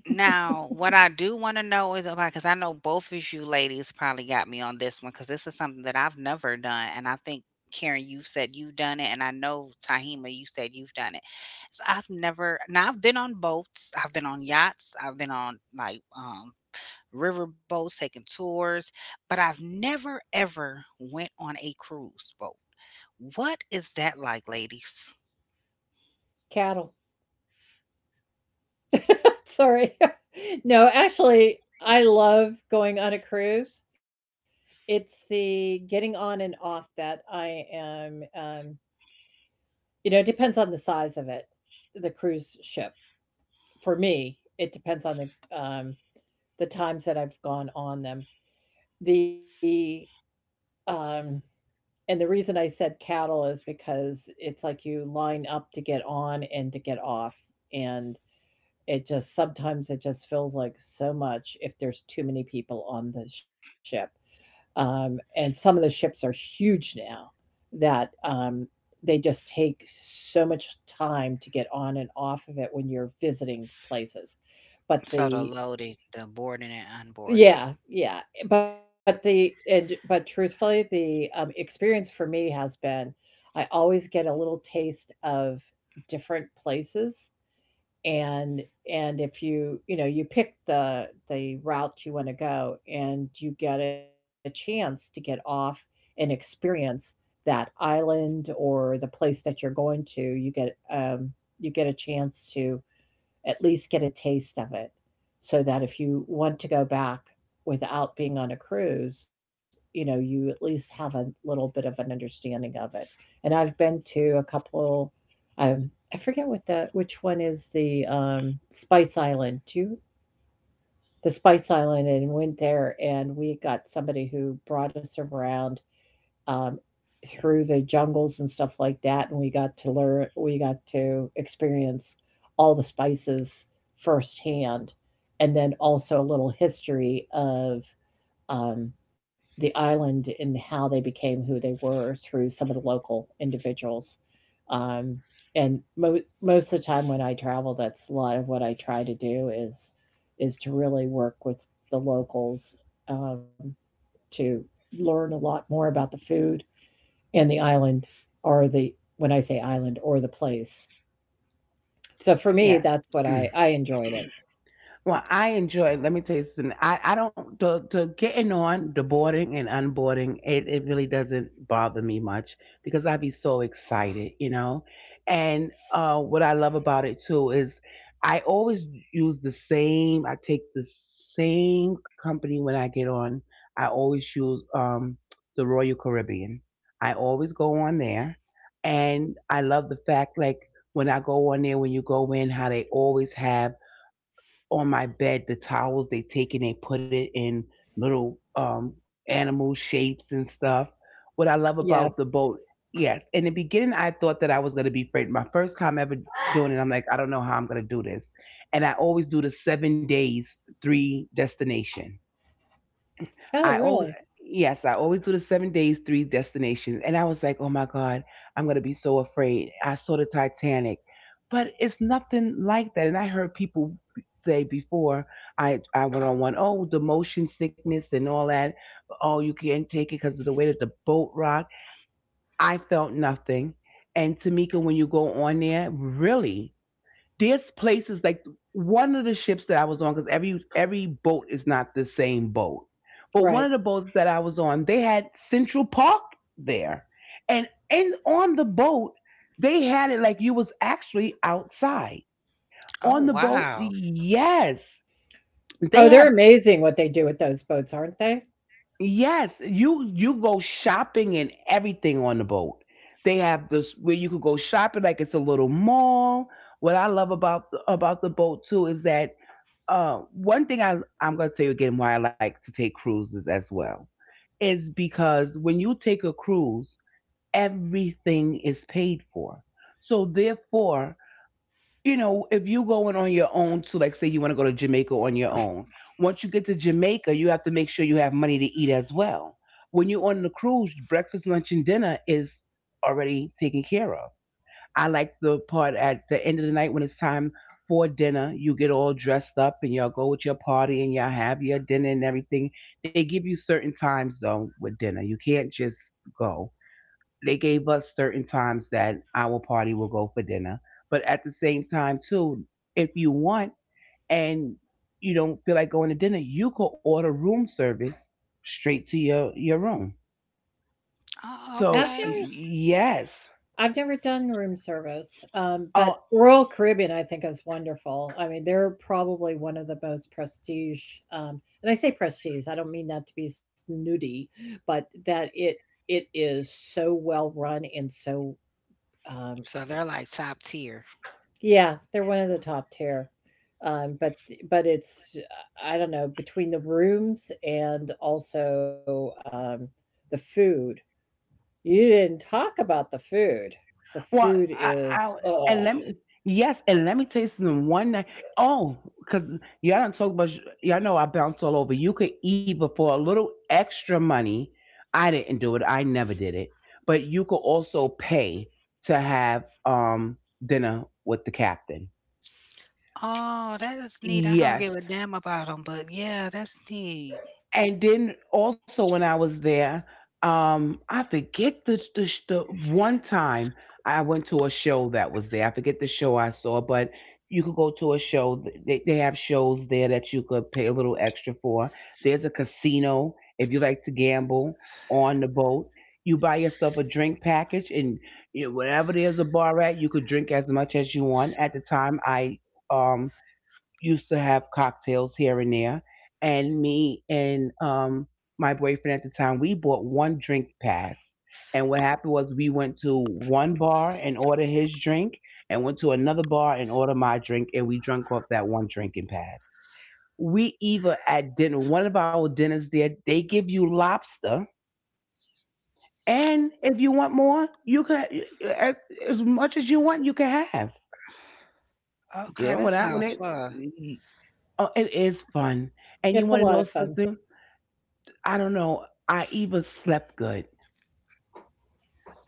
what I do wanna know is about because I know both of you ladies probably got me on this one because this is something that I've never done, and I think, Karen, you've said you've done it, and I know, Tahima, you said you've done it. So, I've never now, I've been on boats, I've been on yachts, I've been on, like, river boats, taking tours, but I've never ever went on a cruise boat. What is that like, ladies? Cattle. Sorry. No, actually, I love going on a cruise. It's the getting on and off that I am, you know, it depends on the size of it, the cruise ship. For me, it depends on um, the times that I've gone on them. The um, and the reason I said cattle is because it's like you line up to get on and to get off, and it just sometimes it just feels like so much if there's too many people on the ship. And some of the ships are huge now that they just take so much time to get on and off of it when you're visiting places. But So the the loading, the boarding and yeah, unboarding. yeah, but the and but truthfully, the experience for me has been I always get a little taste of different places and and if you you know you pick the route you want to go and you get a chance to get off and experience that island or the place that you're going to um you get a chance to at least get a taste of it so that if you want to go back without being on a cruise, you know, you at least have a little bit of an understanding of it. And I've been to a couple, um, I forget what the which one is the Spice Island. Do the Spice Island and went there, and we got somebody who brought us around um, through the jungles and stuff like that, and we got to experience all the spices firsthand, and then also a little history of um, the island and how they became who they were through some of the local individuals. Um, and most of the time when I travel, that's a lot of what I try to do is to really work with the locals um, to learn a lot more about the food and the island or the when I say island or the place. So for me, yeah. that's what I I enjoyed it. Well, I enjoy. Let me tell you something. I don't The getting on, the boarding and unboarding, it really doesn't bother me much because I be so excited, you know. And what I love about it too is I always use the same. I take the same company when I get on. I always use the Royal Caribbean. I always go on there, and I love the fact like when I go on there, when you go in, how they always have on my bed the towels they take and they put it in little animal shapes and stuff. What I love Yes. about the boat, yes. In the beginning I thought that I was gonna be afraid. My first time ever doing it, I'm like, I don't know how I'm gonna do this. And I always do the 7 days, 3 destination. Oh, I always, really? yes, I always do the 7 days, 3 destinations. And I was like, oh my God, I'm going to be so afraid. I saw the Titanic, but it's nothing like that. And I heard people say before I went on one, oh, the motion sickness and all that. Oh, you can't take it because of the way that the boat rocked. I felt nothing. And Tamika, when you go on there, really? There's places like one of the ships that I was on, because every boat is not the same boat, but one Right. of the boats that I was on, they had Central Park there, and on the boat they had it like you was actually outside on the boat. Oh, wow. Yes, Oh, they they're have. amazing what they do with those boats, aren't they? Yes, you go shopping and everything on the boat. They have this where you could go shopping like it's a little mall. What I love about the boat too is that one thing I'm gonna tell you again why I like to take cruises as well is because when you take a cruise, everything is paid for. So therefore, you know, if you going on your own to, like, say you want to go to Jamaica on your own, once you get to Jamaica, you have to make sure you have money to eat as well. When you're on the cruise, breakfast, lunch, and dinner is already taken care of. I like the part at the end of the night when it's time for dinner. You get all dressed up and y'all go with your party and y'all have your dinner and everything. They give you certain times though with dinner. You can't just go. They gave us certain times that our party will go for dinner. But at the same time too, if you want and you don't feel like going to dinner, you could order room service straight to your room. I've never So Oh, okay. yes, I've never done room service, but oh. Royal Caribbean I think is wonderful. I mean, they're probably one of the most prestige, and I say prestige. I don't mean that to be snooty, but that it is so well run and so um, So they're like top yeah, tier. they're one of the top tier. Um, but but it's I don't know between the rooms and also the food. You didn't talk about the food. The food Well, I, is I oh, and let me yes, and let me tell you something. One night, oh, because y'all don't talk about y'all know I bounced all over. You could either for a little extra money, I didn't do it. I never did it, but you could also pay to have dinner with the captain. Oh, Yes, that is neat. I don't give a damn about them, but yeah, that's and then neat. also when I was there, I forget the one time I went to a show that was there. I forget the show I saw, but you could go to a show. They have shows there that you could pay a little extra for. There's a casino if you like to gamble on the boat. You buy yourself a drink package, and you know, wherever there's a bar at, you could drink as much as you want. At the time, I um used to have cocktails here and there. And me and my boyfriend at the time, we bought one drink pass. And what happened was we went to one bar and ordered his drink and went to another bar and ordered my drink. And we drank off that one drinking pass. We either at dinner, one of our dinners there, they give you lobster. And if you want more, you can, as, as much as you want, you can have. Girl, when I, when Okay, that they, sounds Oh, fun. it is fun. And it's you a want lot to of know fun. something? I don't know. I even slept good.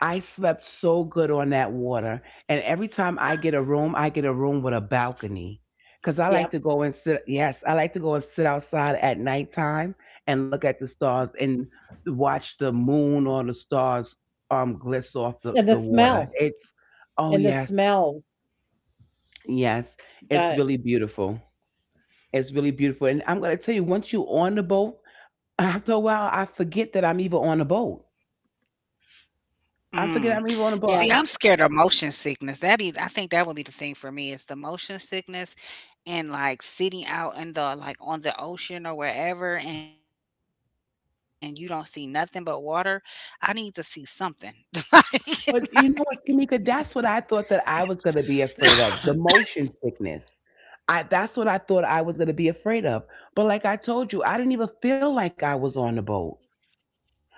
I slept so good on that water. And every time I get a room, I get a room with a balcony. Because I like Yep, to go and sit, yes, I like to go and sit outside at nighttime and look at the stars and watch the moon or the stars gliss and the off the smell water. It's, and the oh, yes, smells. yes, Uh, it's really beautiful. It's really beautiful. And I'm gonna tell you, once you're on the boat, after a while, I forget that I'm even on a boat. I forget I'm even yeah, on a boat. Mm. See, I'm scared of motion sickness. That be, I think that would be the thing for me is the motion sickness and like sitting out in the like on the ocean or wherever, and you don't see nothing but water. I need to see something. Like, But you know what, Tamika, that's what I thought that I was gonna be afraid of, the motion sickness. I, that's what I thought I was gonna be afraid of. But like I told you, I didn't even feel like I was on the boat.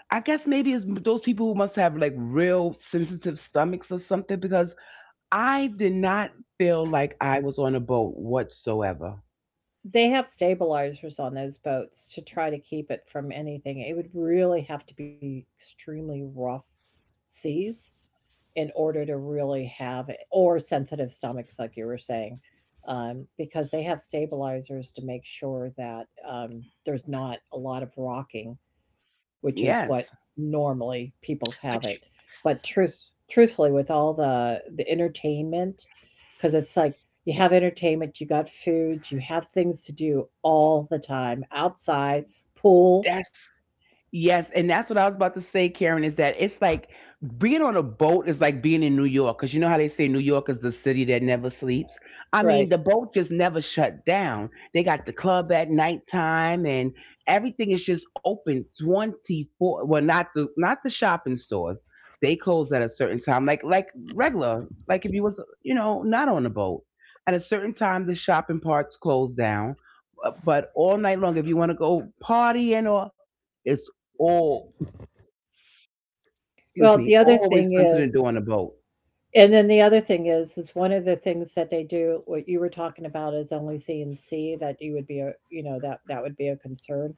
I guess maybe it's those people who must have like real sensitive stomachs or something, because I did not feel like I was on a boat whatsoever. they have stabilizers on those boats to try to keep it from anything. It would really have to be extremely rough seas in order to really have it, or sensitive stomachs, like you were saying, because they have stabilizers to make sure that um, there's not a lot of rocking, which is what Yes. normally people have it. But but truth, you, truthfully, with all the entertainment, because it's like you have entertainment, you got food, you have things to do all the time outside, pool, That's Yes, and that's what I was about to say, Karen, is that it's like being on a boat is like being in New York, because you know how they say New York is the city that never sleeps? I right? mean, the boat just never shut down. They got the club at nighttime and everything is just open 24, well, not the shopping stores. They close at a certain time, like regular, like if you was, you know, not on a boat. At a certain time, the shopping parts close down, but all night long, if you want to go partying or it's or excuse Well, me, the other always thing something to is do on a boat. And then the other thing is one of the things that they do, what you were talking about is only C&C that you would be a, you know, that that would be a concern.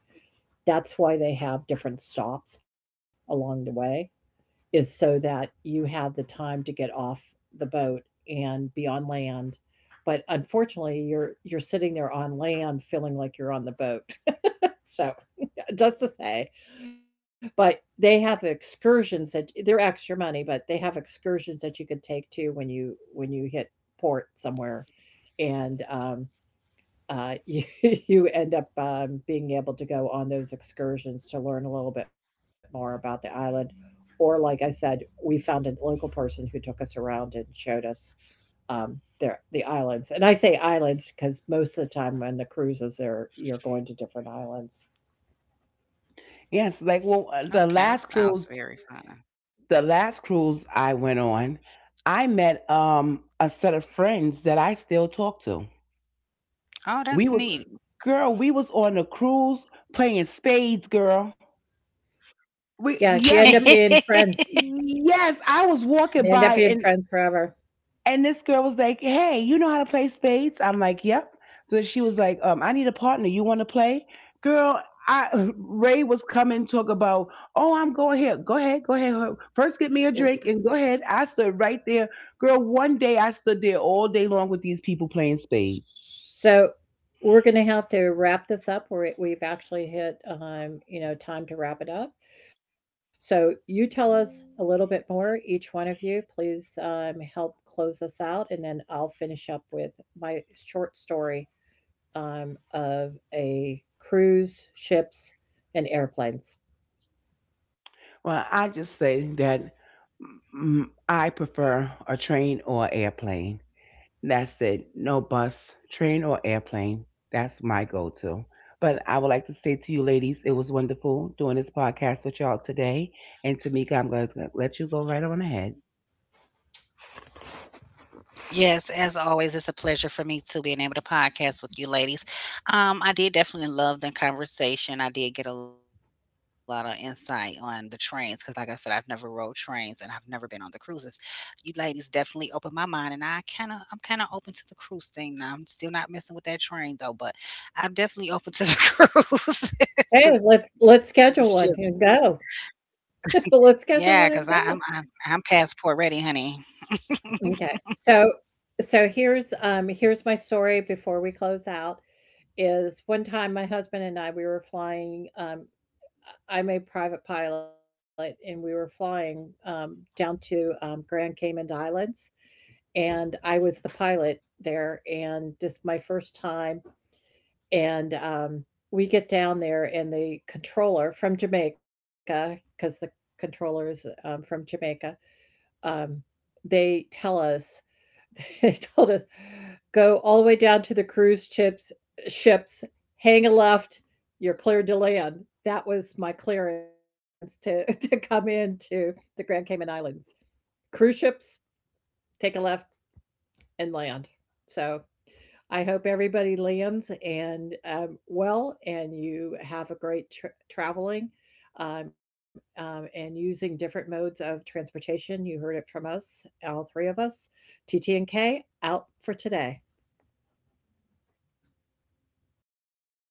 That's why they have different stops along the way, is so that you have the time to get off the boat and be on land. But unfortunately, you're sitting there on land feeling like you're on the boat. So just to say. But they have excursions that they're extra money, but they have excursions that you could take too when you hit port somewhere, and you you end up being able to go on those excursions to learn a little bit more about the island. Or, like I said, we found a local person who took us around and showed us um, their the islands. And I say islands because most of the time on the cruises, they're you're going to different islands. Yes, like well, Okay, that sounds very fun. the last cruise I went on, I met a set of friends that I still talk to. We was Oh, girl, we that's was on neat. a cruise playing spades, girl. Yeah, you We end up yes, being we friends. yes, I was You end up walking being by, friends and forever. And this girl was like, "Hey, you know how to play spades?" I'm like, "Yep." So she was like, I need a partner. You want to play?" Girl, I Ray was coming talk about, "Oh, I'm going here. Go ahead, go ahead. First, get me a drink and go ahead." I stood right there, girl. One day, I stood there all day long with these people playing spades. So we're going to have to wrap this up. We've actually hit, you know, time to wrap it up. So you tell us a little bit more, each one of you. Please help close us out, and then I'll finish up with my short story of a cruise, ships, and airplanes. Well, I just say that I prefer a train or airplane. That's it. No bus, train, or airplane. That's my go to. But I would like to say to you ladies, it was wonderful doing this podcast with y'all today. And Tamika, I'm going to let you go right on ahead. Yes, as always, it's a pleasure for me too being able to podcast with you ladies. I did definitely love the conversation. I did get a lot of insight on the trains because, like I said, I've never rode trains and I've never been on the cruises. You ladies definitely opened my mind, and I'm kind of open to the cruise thing now. I'm still not messing with that train though, but I'm definitely open to the Hey, cruise, let's to schedule the one and ships. go. Let's schedule one and go. Yeah, 'cause I I'm passport ready, honey. Okay, So so here's, here's my story before we close out, is one time my husband and I, we were flying, I'm a private pilot, and we were flying, down to, Grand Cayman Islands, and I was the pilot there, and this my first time, and, we get down there, and the controller from Jamaica because the controller is, from Jamaica, um, they tell us they told us, "Go all the way down to the cruise ships. Ships, hang a left, you're cleared to land." That was my clearance to to come into the Grand Cayman Islands. Cruise ships, take a left and land. So, I hope everybody lands and, well, and you have a great tr traveling, and using different modes of transportation. You heard it from us, all 3 of us. T T and k out for today.